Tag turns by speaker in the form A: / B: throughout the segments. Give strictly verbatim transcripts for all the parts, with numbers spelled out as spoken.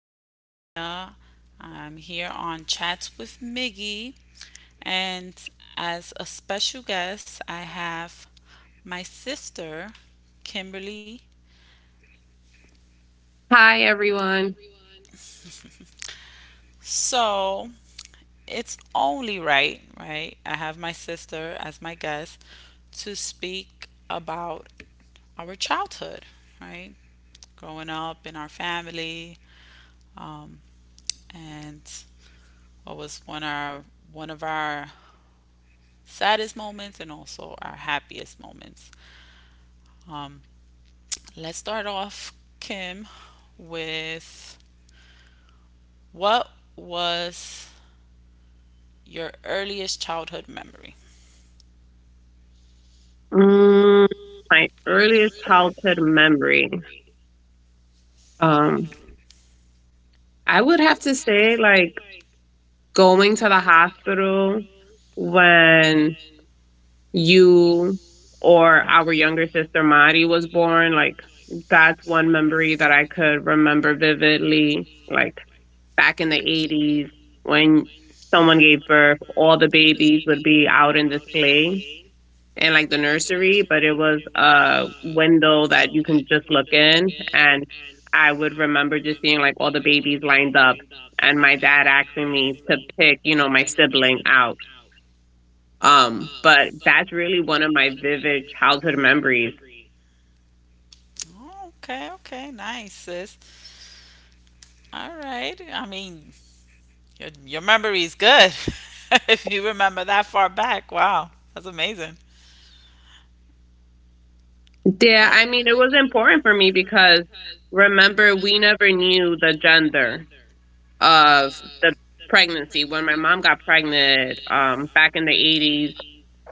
A: is Miguelina. I'm here on Chats with Miggy. And as a special guest, I have my sister, Kimberly.
B: Hi, everyone.
A: So it's only right, right? I have my sister as my guest to speak about our childhood, right? Growing up in our family, um, and what was one of our one of our saddest moments and also our happiest moments. Um, let's start off, Kim, with what was your earliest childhood memory?
B: Mm, my earliest childhood memory. Um, I would have to say, like, going to the hospital when you or our younger sister Mari was born. Like, that's one memory that I could remember vividly. Like, back in the eighties, when someone gave birth, all the babies would be out in display in like the nursery, but it was a window that you can just look in. And I would remember just seeing like all the babies lined up and my dad asking me to pick, you know, my sibling out. Um, but that's really one of my vivid childhood memories.
A: Okay, okay, nice, sis. All right. I mean, your your memory is good. If you remember that far back, wow, that's amazing.
B: Yeah,
A: Oh,
B: I mean, it was important for me because remember, we never knew the gender of the pregnancy. When my mom got pregnant um, back in the eighties,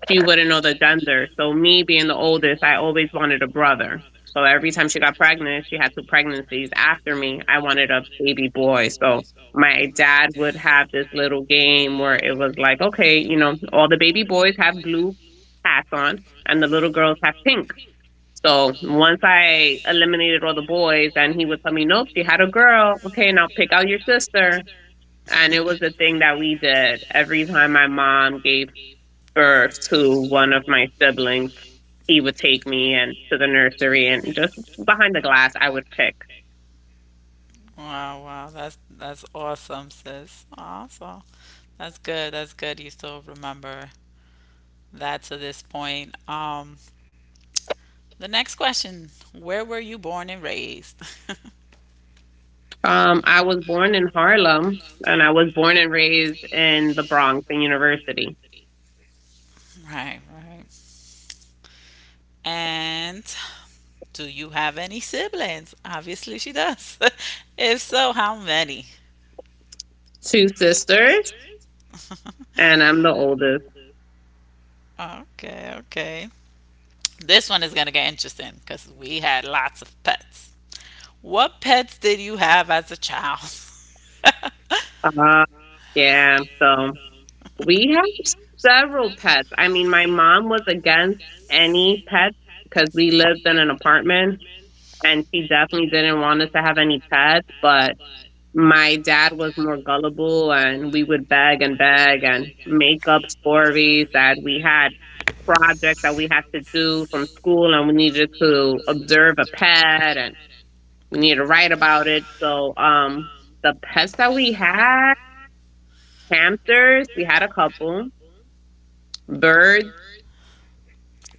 B: she wouldn't know the gender. So me being the oldest, I always wanted a brother. So every time she got pregnant, she had two pregnancies after me. I wanted a baby boy. So my dad would have this little game where it was like, okay, you know, all the baby boys have blue hats on and the little girls have pink. So once I eliminated all the boys, and he would tell me, nope, she had a girl. Okay, now pick out your sister. And it was a thing that we did every time my mom gave or to one of my siblings, he would take me and to the nursery and just behind the glass I would pick.
A: wow, wow, that's that's awesome, sis. Awesome. That's good. That's good. You still remember that's at this point. Um, the next question, where were you born and raised?
B: Um, I was born in Harlem and I was born and raised in the Bronx in university.
A: Right, right. And do you have any siblings? Obviously, she does. If so, how many?
B: Two sisters and I'm the oldest.
A: Okay, okay. This one is going to get interesting because we had lots of pets. What pets did you have as a child?
B: Uh, yeah, so We have several pets. I mean, my mom was against any pets because we lived in an apartment and she definitely didn't want us to have any pets, but my dad was more gullible and we would beg and beg and make up stories that we had projects that we had to do from school and we needed to observe a pet and we needed to write about it. So, um the pets that we had, hamsters, we had a couple, birds.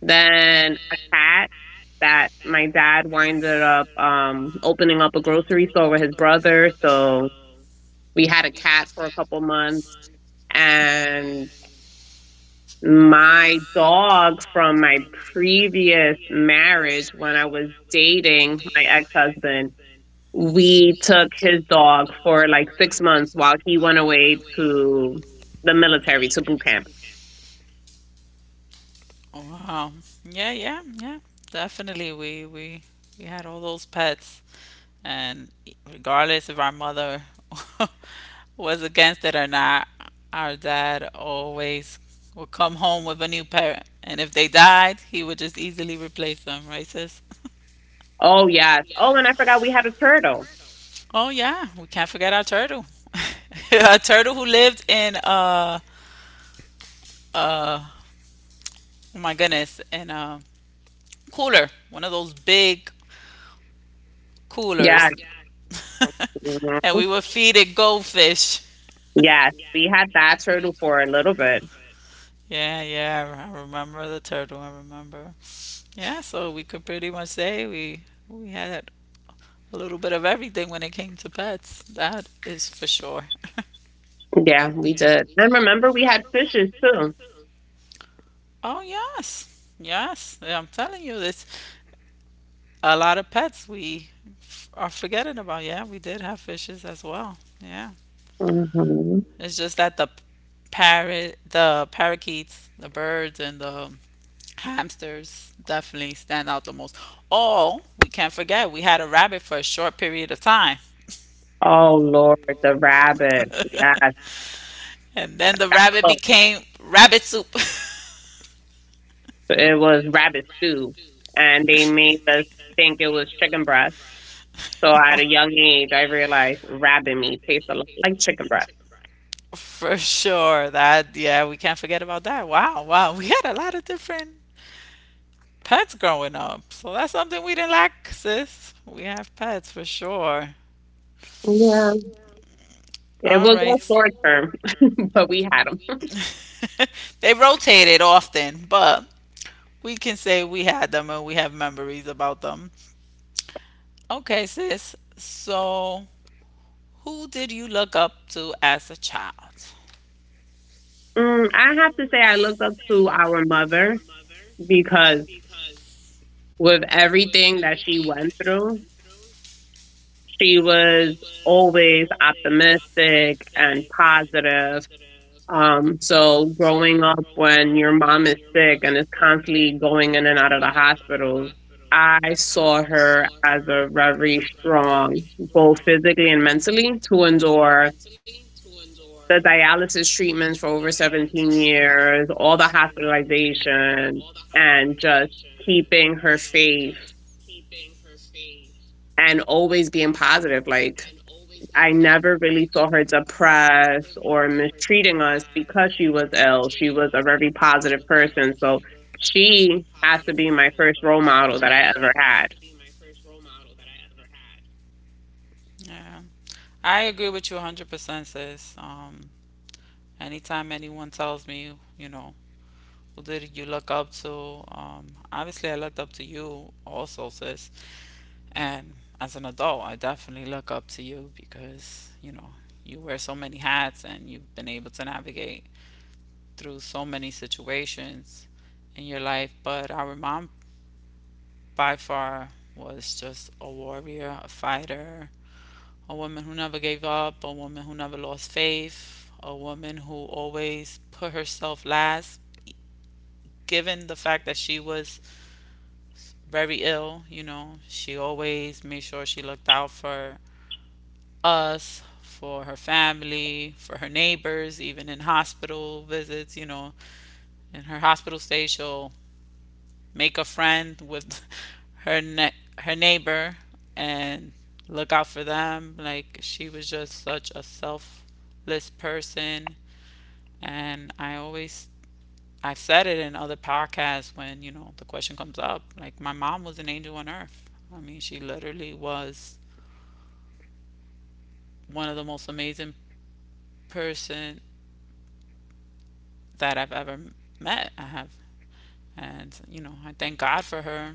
B: Then a cat that my dad winded up um, opening up a grocery store with his brother. So we had a cat for a couple months. And my dog from my previous marriage, when I was dating my ex husband, we took his dog for like six months while he went away to the military, to boot camp.
A: Wow. Yeah, yeah, yeah. Definitely we we we had all those pets. And regardless if our mother was against it or not, our dad always would come home with a new parent. And if they died, he would just easily replace them, right, sis?
B: Oh, yes. Oh, and I forgot we had a turtle.
A: Oh, yeah, we can't forget our turtle. A turtle who lived in, uh, uh, oh my goodness, in a cooler, one of those big
B: Yes.
A: coolers. Yeah. And we would feed it goldfish.
B: Yes, we had that turtle for a little bit.
A: Yeah, yeah, I remember the turtle, I remember. Yeah, so we could pretty much say we we had a little bit of everything when it came to pets. That is for sure.
B: Yeah, we did. And remember, we had fishes too.
A: Oh yes, yes, yeah, I'm telling you, this a lot of pets we f- are forgetting about. Yeah, we did have fishes as well. Yeah,
B: hmm
A: it's just that the parrot, the parakeets, the birds, and the hamsters definitely stand out the most. Oh, we can't forget we had a rabbit for a short period of time.
B: Oh Lord, the rabbit. Yes,
A: And then the
B: that
A: rabbit
B: cooked.
A: became rabbit soup.
B: It was rabbit stew, and they made us think it was chicken breast. So at
A: So
B: a young age, I realized rabbit meat tastes a lot like chicken breast.
A: for sure. That, yeah, we can't forget about that. Wow, wow. We had a lot of different pets growing up. So that's something we didn't lack, sis. We have pets for sure.
B: Yeah, it
A: All
B: was
A: right,
B: all short
A: right.
B: term, but we had them.
A: them. They rotated often, but we can say we had them and we have memories about them. Okay, sis. So who did you look up to as a child?
B: Mm, I have to say, I looked up to our mother because with everything that she went through. She was always optimistic and positive. Um, so growing up when your mom is sick and is constantly going in and out of the hospitals, I saw her as a very strong, both physically and mentally, to endure the dialysis treatments for over seventeen years, all the hospitalization, and just keeping her faith and always being positive. Like I never really saw her depressed or mistreating us because she was ill. She was a very positive person. So she has to be my first role model that I ever had.
A: Yeah, I agree with you one hundred percent, sis. Um, anytime anyone tells me, you know, who did you look up to? Um, obviously, I looked up to you also, sis. And as an adult, I definitely look up to you because, you know, you wear so many hats and you've been able to navigate through so many situations in your life. But our mom, by far, was just a warrior, a fighter, a woman who never gave up, a woman who never lost faith, a woman who always put herself last. Given the fact that she was very ill, you know, she always made sure she looked out for us, for her family, for her neighbors, even in hospital visits, you know. In her hospital stay, she'll make a friend with her ne- her neighbor and look out for them. Like she was just such a selfless person. And I always, I've said it in other podcasts when, you know, the question comes up. Like, my mom was an angel on earth. I mean, she literally was one of the most amazing person that I've ever met. I have. And, you know, I thank God for her,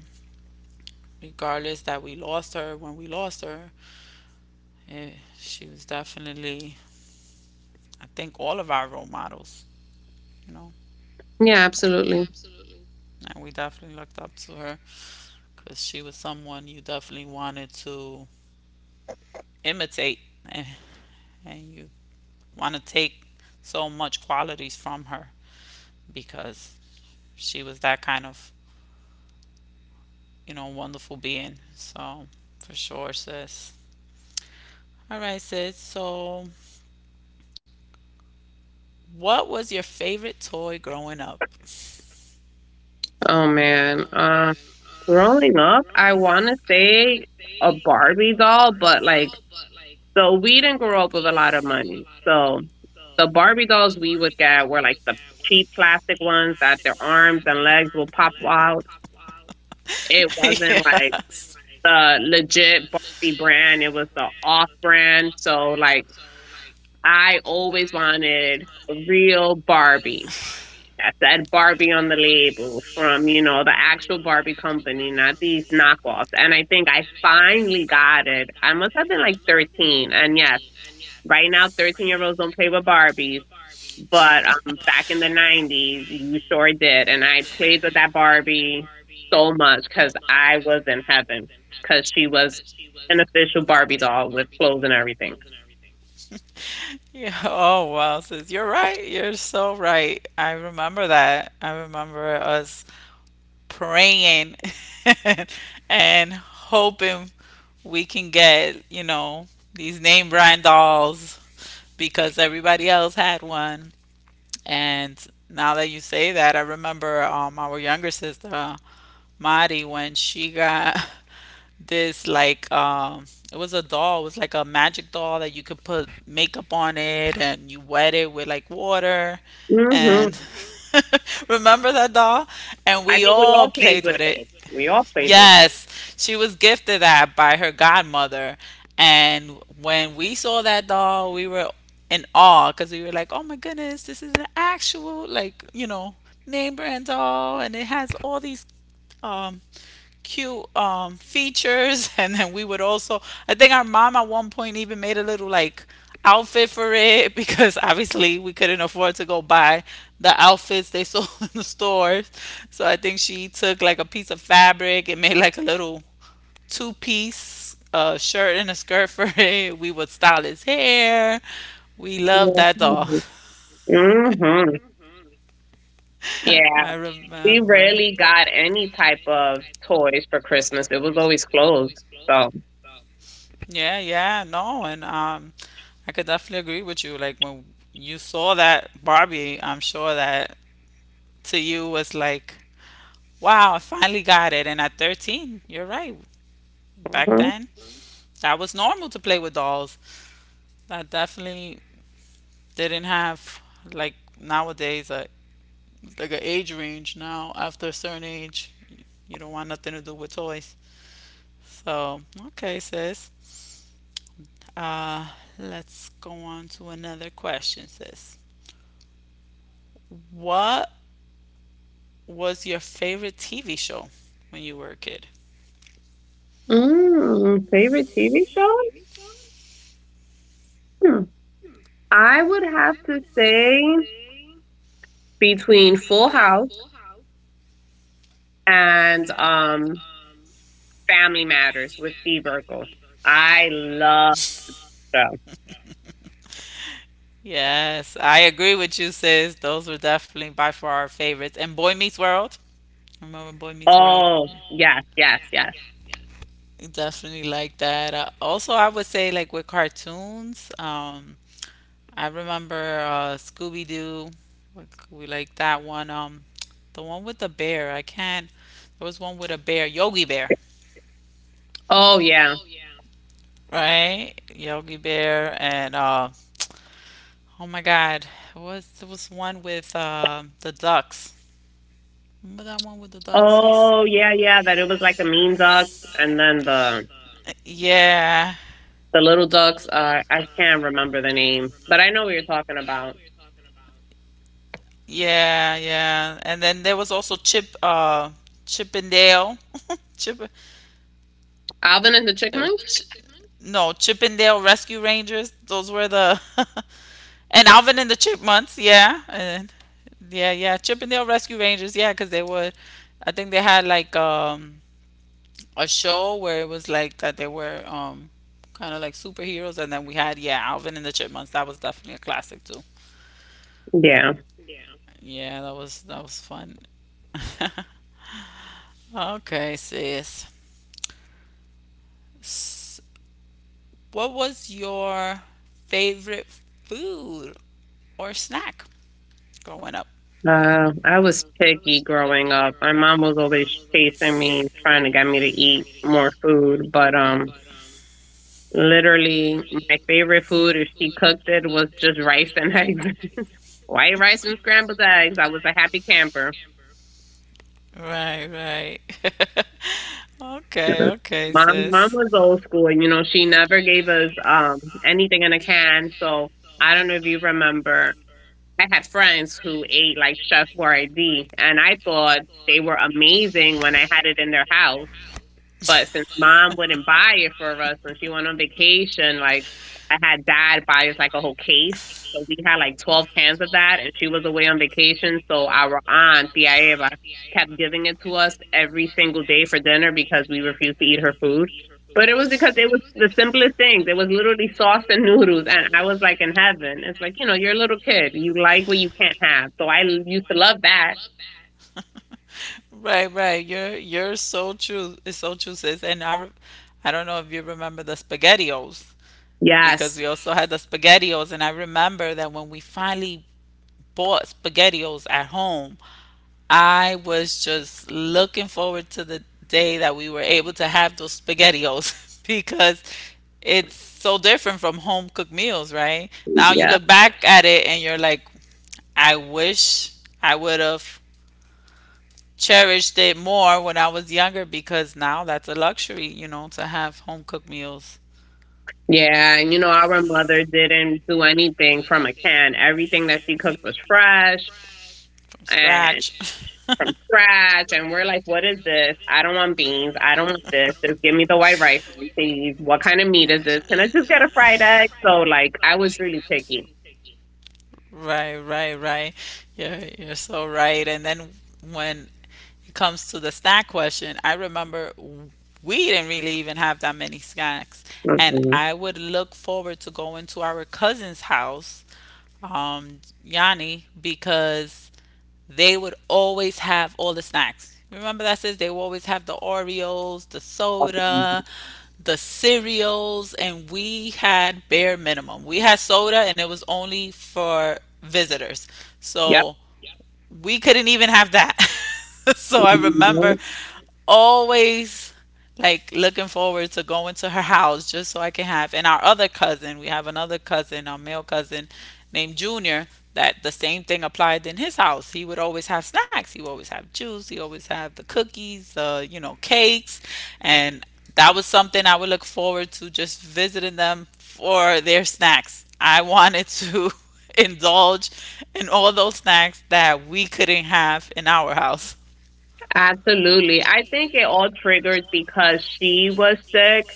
A: regardless that we lost her when we lost her. eh, she was definitely, I think, all of our role models, you know.
B: Yeah,
A: Well,
B: absolutely.
A: and we definitely looked up to her because she was someone you definitely wanted to imitate and, and you want to take so much qualities from her because she was that kind of, you know, wonderful being. So, for sure, sis. All right, sis. So, what was your favorite toy growing up?
B: Oh man. Uh, growing up, I want to say a Barbie doll, but like, so we didn't grow up with a lot of money. So the Barbie dolls we would get were like the cheap plastic ones that their arms and legs will pop out. It wasn't like
A: Yes.
B: the legit Barbie brand. It was the off brand. So like I always wanted a real Barbie that said Barbie on the label from, you know, the actual Barbie company, not these knockoffs. And I think I finally got it. I must have been like thirteen. And yes, right now, thirteen year olds don't play with Barbies, but um, back in the nineties, you sure did. And I played with that Barbie so much because I was in heaven because she was an official Barbie doll with clothes and everything.
A: Yeah. Oh, wow, sis. You're right. You're so right. I remember that. I remember us praying and hoping we can get, you know, these name brand dolls because everybody else had one. And now that you say that, I remember um, our younger sister, Mari, when she got this like um, it was a doll, it was like a magic doll that you could put makeup on it and you wet it with like water.
B: hmm
A: And remember that doll? And
B: I
A: we
B: think we
A: all
B: all played
A: played
B: with
A: with it.
B: it. We all played with
A: Yes, she was gifted that by her godmother. And when we saw that doll, we were in awe because we were like, oh my goodness, this is an actual, like, you know, name brand doll. And it has all these um, cute um, features, and then we would also. I think our mom at one point even made a little like outfit for it because obviously we couldn't afford to go buy the outfits they sold in the stores. So I think she took like a piece of fabric and made like a little two piece uh, shirt and a skirt for it. We would style his hair. We loved that doll.
B: it. hmm Yeah,
A: I
B: we
A: remember.
B: rarely got any type of toys for Christmas. It was always clothes. So,
A: Yeah, yeah, no, and um, I could definitely agree with you. Like when you saw that Barbie, I'm sure that to you was like, wow, I finally got it. And at thirteen, you're right. Back
B: mhm.
A: then, that was normal to play with dolls. That definitely didn't have like nowadays a like an age range. Now after a certain age, you don't want nothing to do with toys. So okay, sis. Uh, let's go on to another question, sis. What was your favorite T V show when you were a kid?
B: mm, favorite T V show? I would have to say between Full House and um Family Matters with Steve Urkel. I love them.
A: Yes, I agree with you, sis. Those were definitely by far our favorites. And Boy Meets World. Remember Boy Meets World?
B: Oh, yes, yes, yes.
A: Definitely like that. Uh, also, I would say like with cartoons. Um, I remember uh, Scooby Doo. Like, we like that one. Um, the one with the bear. I can't. There was one with a bear, Yogi Bear,
B: Oh yeah.
A: right? Yogi Bear, and uh, oh my God. What's there was one with uh, the ducks? Remember that one with the ducks, sis?
B: Oh yeah, yeah.
A: Yeah,
B: That it
A: yeah,
B: was like
A: that
B: the
A: it was
B: mean
A: like a mean
B: ducks and then
A: dog.
B: the
A: Yeah.
B: the little ducks. Uh, I can't remember the name, but I know what you're talking about.
A: Yeah, yeah. And then there was also Chip, uh, Chip and Dale. Chip,
B: Alvin and the
A: it was Alvin
B: Chipmunks?
A: and Ch- the Chipmunks? No, Chip and Dale Rescue Rangers. Those were the and Alvin and the Chipmunks. Yeah, and yeah, yeah, Chip and Dale Rescue Rangers. Yeah, because they were, I think they had like um a show where it was like that they were um kind of like superheroes. And then we had yeah Alvin and the Chipmunks, that was definitely a classic too.
B: Yeah.
A: Yeah, that was that was fun. Okay, sis. S- what was your favorite food or snack growing up?
B: Uh, I was picky growing up. My mom was always chasing me, trying to get me to eat more food. But um, Literally, my favorite food, if she cooked it, was just rice and eggs. White rice and scrambled eggs. I was a happy camper.
A: Right, right. Okay,
B: Mhm.
A: okay,
B: Mom, mom
A: sis.
B: was old school. You know, she never gave us um anything in a can. So I don't know if you remember. I had friends who ate like Chef Boyardee, and I thought they were amazing when I had it in their house. But since mom wouldn't buy it for us when she went on vacation, like I had dad buy us like a whole case. So we had like twelve cans of that and she was away on vacation. So our aunt, Tia Eva, kept giving it to us every single day for dinner because we refused to eat her food. But it was because it was the simplest things. It was literally sauce and noodles. And I was like in heaven. It's like, you know, you're a little kid. You like what you can't have. So I used to love that.
A: Right, right. You're you're so true. It's so true, sis. And I, re- I don't know if you remember the SpaghettiOs because
B: Yes.
A: we also had the SpaghettiOs, and I remember that when we finally bought SpaghettiOs at home, I was just looking forward to the day that we were able to have those SpaghettiOs because it's so different from home cooked meals, right? Now you
B: Yeah.
A: look back at it and you're like, I wish I would have cherished it more when I was younger because now that's a luxury, you know, to have home cooked meals
B: Yeah, and you know, our mother didn't do anything from a can. Everything that she cooked was fresh
A: from
B: and
A: scratch.
B: from scratch. And we're like, what is this? I don't want beans. I don't want this. Just give me the white rice, please. What kind of meat is this? Can I just get a fried egg? So, like, I was really picky.
A: Right, right, right. You're you're so right. And then when it comes to the snack question, I remember we didn't really even have that many snacks, and
B: Mm-mm.
A: I would look forward to going to our cousin's house, um, Yanni, because they would always have all the snacks. Remember that says they would always have the Oreos, the soda, the cereals, and we had bare minimum. We had soda and it was only for visitors.
B: Yep.
A: So we couldn't even have that. So I remember
B: Mhm.
A: always like looking forward to going to her house just so I can have. And our other cousin, we have another cousin, our male cousin named Junior, that the same thing applied in his house. He would always have snacks. He would always have juice. He always have the cookies, uh, you know, cakes, and that was something I would look forward to just visiting them for their snacks. I wanted to indulge in all those snacks that we couldn't have in our house.
B: Absolutely. I think it all triggered because she was sick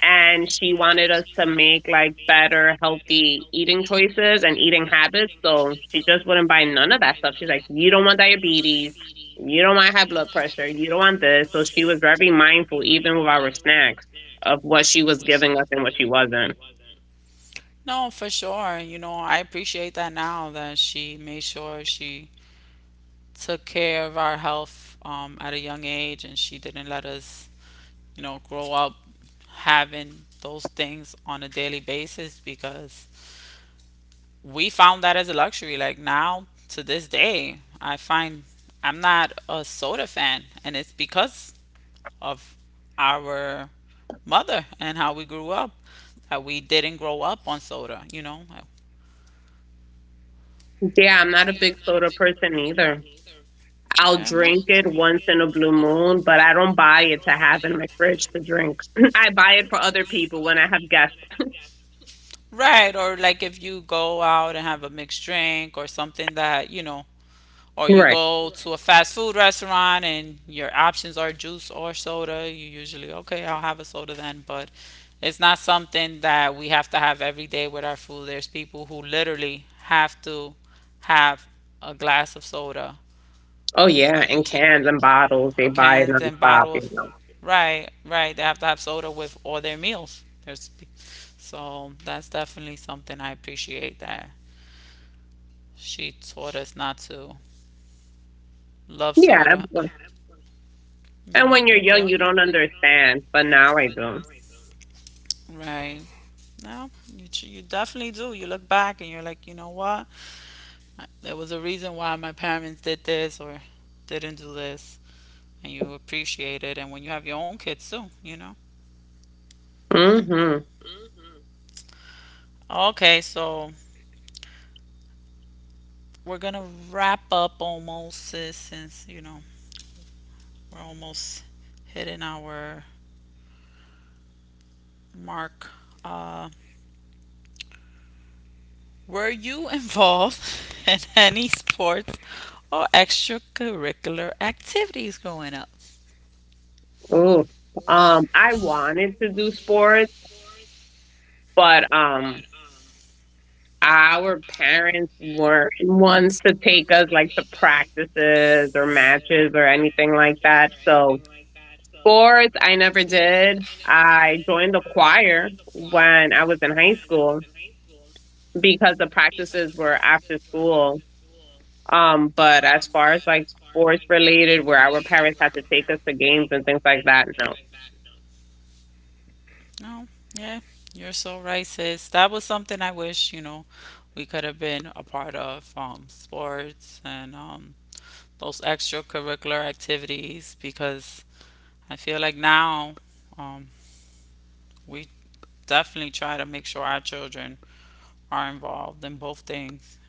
B: and she wanted us to make like better healthy eating choices and eating habits, so she just wouldn't buy none of that stuff. She's like, you don't want diabetes, you don't want high blood pressure, you don't want this. So she was very mindful even with our snacks of what she was giving us and what she wasn't.
A: No, for sure. You know, I appreciate that now that she made sure she took care of our health um, at a young age and she didn't let us, you know, grow up having those things on a daily basis because we found that as a luxury. Like now, to this day, I find I'm not a soda fan, and it's because of our mother and how we grew up, that we didn't grow up on soda, you know.
B: Yeah, I'm not a big soda person either. I'll
A: Yeah, no.
B: drink it once in a blue moon, but I don't buy it to have in my fridge to drink. I buy it for other people when I have guests.
A: Right, or like if you go out and have a mixed drink or something that, you know, or you
B: Right.
A: go to a Right. fast food restaurant and your options are juice or soda, you usually, okay, I'll have a soda then, but it's not something that we have to have every day with our food. There's people who literally have to have a glass of soda
B: Oh yeah, in cans and bottles, they
A: or
B: buy it on
A: cans and
B: top, you
A: bottles.
B: know.
A: Right, right. They have to have soda with all their meals. There's, so that's definitely something I appreciate that she taught us not to love
B: Yeah, of
A: soda.
B: course. And
A: Yep,
B: when you're
A: yep, and yep.
B: young, you don't understand, but now I do.
A: Do. Right. No, you, ch- you definitely do. You look back and you're like, you know what? There was a reason why my parents did this or didn't do this. And you appreciate it. And when you have your own kids too, you know?
B: Mm-hmm.
A: Okay, so we're gonna wrap up almost, sis, since you know we're almost hitting our mark. Uh, were you involved in any sports or extracurricular activities growing up?
B: Ooh. Um, I wanted to do sports, but um, our parents weren't ones to take us like to practices or matches or anything like that. So sports, I never did. I joined the choir when I was in high school because the practices were after school. Um, but as far as like sports related, where our parents had to take us to games and things like that, no.
A: No, yeah, you're so right, sis. That was something I wish, you know, we could have been a part of, um, sports and um, those extracurricular activities, because I feel like now, um, we definitely try to make sure our children are involved in both things.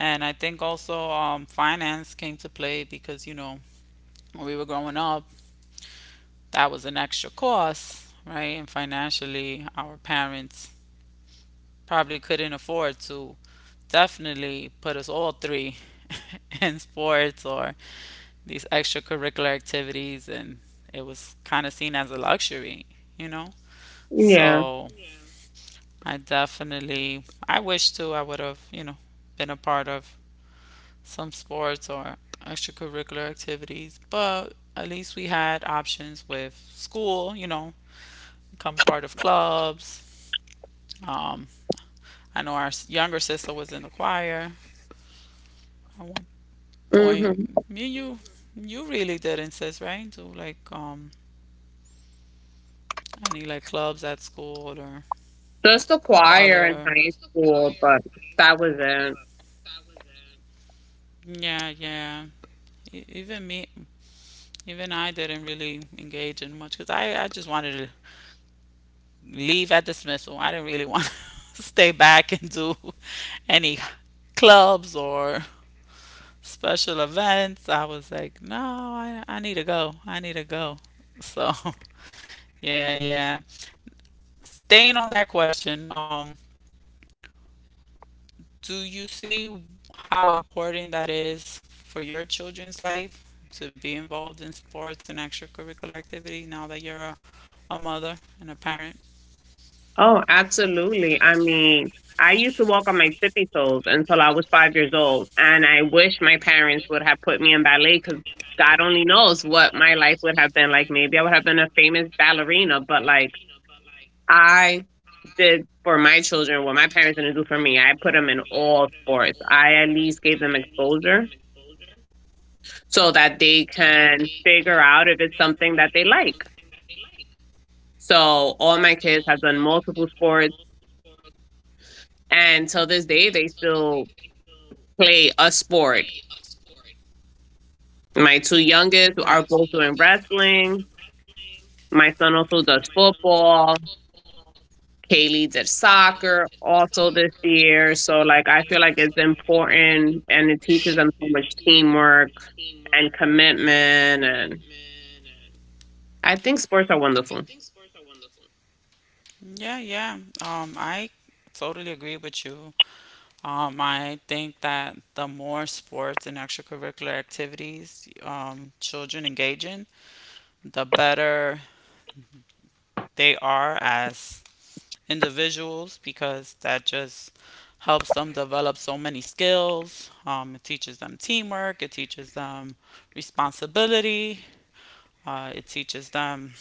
A: And I think also, um, finance came to play because, you know, when we were growing up, that was an extra cost, right? And financially, our parents probably couldn't afford to definitely put us all three in sports or these extracurricular activities. And it was kind of seen as a luxury, you know?
B: Yeah.
A: So I definitely, I wish too I would have, you know, been a part of some sports or extracurricular activities, but at least we had options with school, you know, become part of clubs. Um, I know our s- younger sister was in the choir at one point.
B: hmm
A: Me and you, you really did insist, right? Do like, um, any like clubs at school or
B: Just the choir in
A: other.
B: high school, but that was it.
A: Yeah, yeah. E- Even me, even I didn't really engage in much because I, I just wanted to leave at dismissal. I didn't really want to stay back and do any clubs or special events. I was like, no, I, I need to go. I need to go. So, yeah, yeah. Staying on that question, um, do you see how important that is for your children's life to be involved in sports and extracurricular activity now that you're a, a mother and a parent?
B: Oh, absolutely. I mean, I used to walk on my tippy toes until I was five years old, and I wish my parents would have put me in ballet because God only knows what my life would have been like. Maybe I would have been a famous ballerina, but like I did for my children what my parents didn't do for me. I put them in all sports. I at least gave them exposure so that they can figure out if it's something that they like. So all my kids have done multiple sports, and till this day, they still play a sport. My two youngest
A: Right. My
B: are
A: two
B: both doing
A: youngest are both doing
B: wrestling.
A: wrestling.
B: My son also does football. Kaylee's at soccer also this year. So like I feel like it's important and it teaches them so much teamwork and commitment and I think sports are wonderful.
A: Yeah, yeah. Um, I totally agree with you. Um, I think that the more sports and extracurricular activities um, children engage in, the better they are as individuals, because that just helps them develop so many skills. Um, it teaches them teamwork, it teaches them responsibility, uh, it teaches them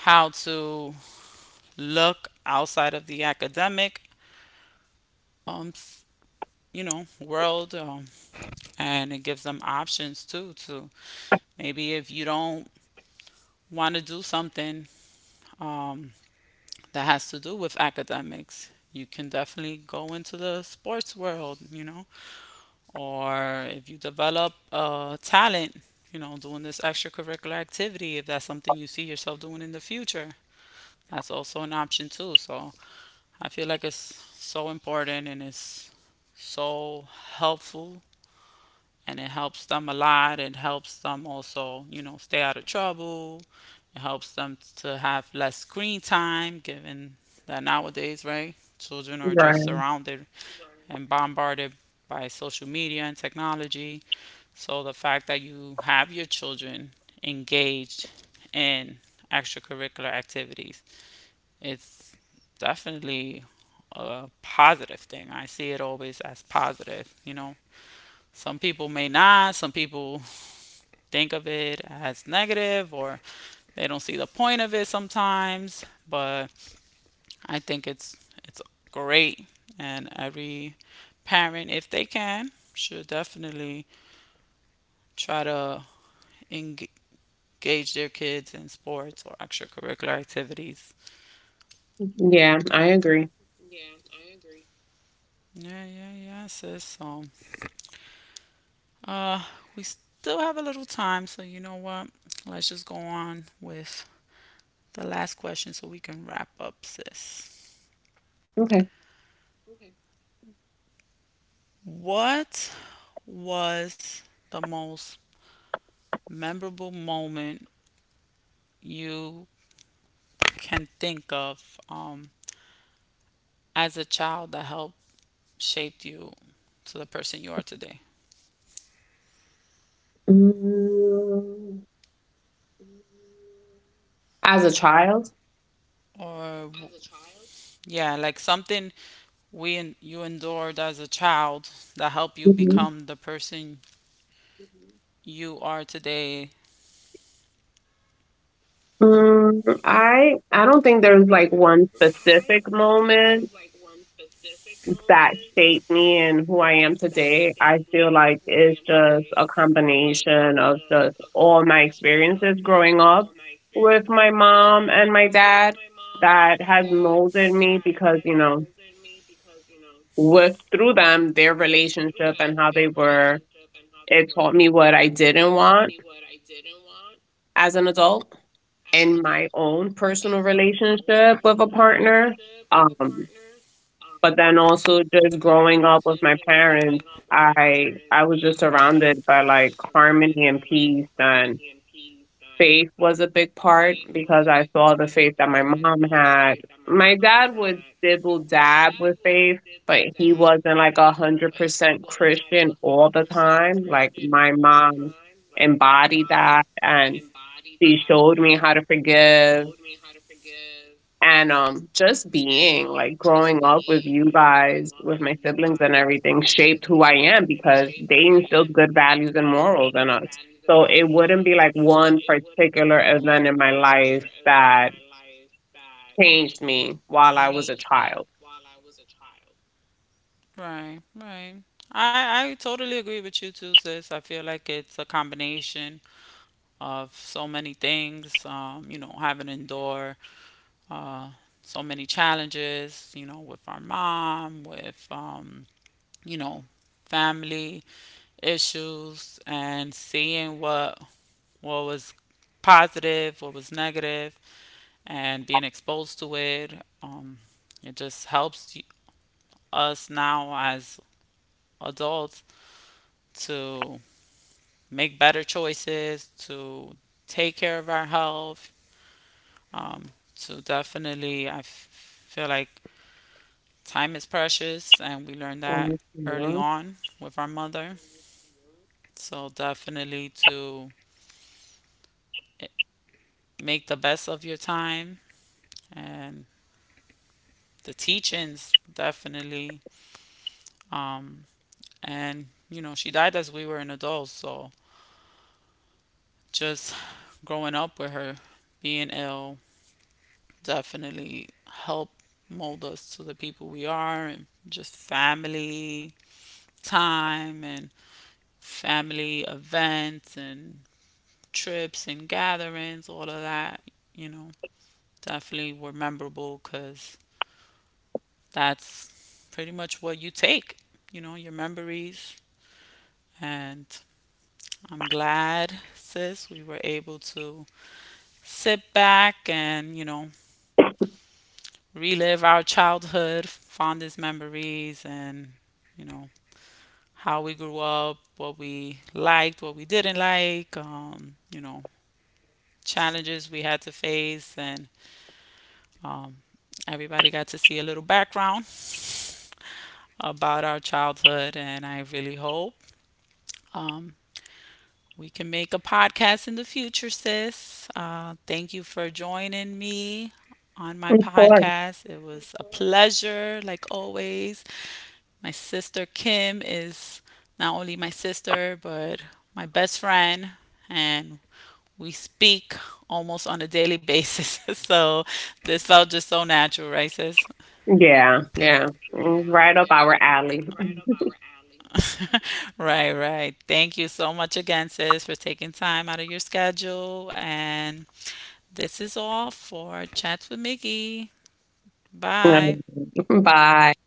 A: how to look outside of the academic, um, you know, world. Um, and it gives them options too to, maybe if you don't want to do something, um, that has to do with academics, you can definitely go into the sports world, you know, or if you develop a talent, you know, doing this extracurricular activity, if that's something you see yourself doing in the future, that's also an option too. So I feel like it's so important, and it's so helpful, and it helps them a lot. It helps them also, you know, stay out of trouble. It helps them to have less screen time, given that nowadays, right, children are just
B: Right.
A: surrounded and bombarded by social media and technology. So the fact that you have your children engaged in extracurricular activities, it's definitely a positive thing. I see it always as positive, you know. Some people may not, some people think of it as negative, or they don't see the point of it sometimes, but I think it's it's great, and every parent, if they can, should definitely try to engage their kids in sports or extracurricular activities.
B: Yeah, I agree.
A: Yeah, yeah, yeah, sis. So, uh, we still have a little time, so you know what? Let's just go on with the last question so we can wrap up, sis.
B: Okay.
A: What was the most memorable moment you can think of, um, as a child, that helped shape you to the person you are today?
B: Mm, as a child,
A: Or w- as a child? Yeah, like something we en- you endured as a child that helped you
B: mhm.
A: become the person you are today.
B: mm, I I don't think there's like one specific moment that shaped me and who I am today. I feel like it's just a combination of just all my experiences growing up with my mom and my dad that has molded me because, you know, with through them, their relationship and how they were, it taught me what I didn't want as an adult in my own personal relationship with a partner. Um, but then also just growing up with my parents i i was just surrounded by like harmony and peace and faith was a big part because I saw the faith that my mom had. My dad would dibble dab with faith, but he wasn't like a hundred percent christian all the time. Like my mom embodied that, and she showed me how to forgive. And um, just being like growing up with you guys, with my siblings and everything, shaped who I am because they instilled good values and morals in us. So it wouldn't be like one particular event in my life that changed me while I was a
A: Changed me
B: child.
A: while I was a child. Right, right. I I totally agree with you too, sis. I feel like it's a combination of so many things, um, you know, having to endure, uh, so many challenges, you know, with our mom, with, um, you know, family issues, and seeing what what was positive, what was negative, and being exposed to it. Um, it just helps us now as adults to make better choices, to take care of our health. Um, so definitely, I f- feel like time is precious, and we learned that early
B: Mhm.
A: on with our mother. So definitely to eh, make the best of your time and the teachings, definitely. Um, and you know, she died as we were an adult, so just growing up with her, being ill, definitely helped mold us to the people we are, and just family time and family events and trips and gatherings, all of that, you know, definitely were memorable, because that's pretty much what you take, you know, your memories. And I'm glad, sis, we were able to sit back and, you know, relive our childhood, fondest memories, and, you know, how we grew up, what we liked, what we didn't like, um, you know, challenges we had to face, and Um, everybody got to see a little background about our childhood, and I really hope um, we can make a podcast in the future, sis. Uh, thank you for joining me on my
B: Of course.
A: podcast. It was a pleasure, like always. My sister Kim is not only my sister, but my best friend, and we speak almost on a daily basis. So this felt just so natural, right, sis?
B: Yeah, yeah. Right up our alley.
A: Right, right. Thank you so much again, sis, for taking time out of your schedule. And this is all for Chats with Mickey. Bye.
B: Bye.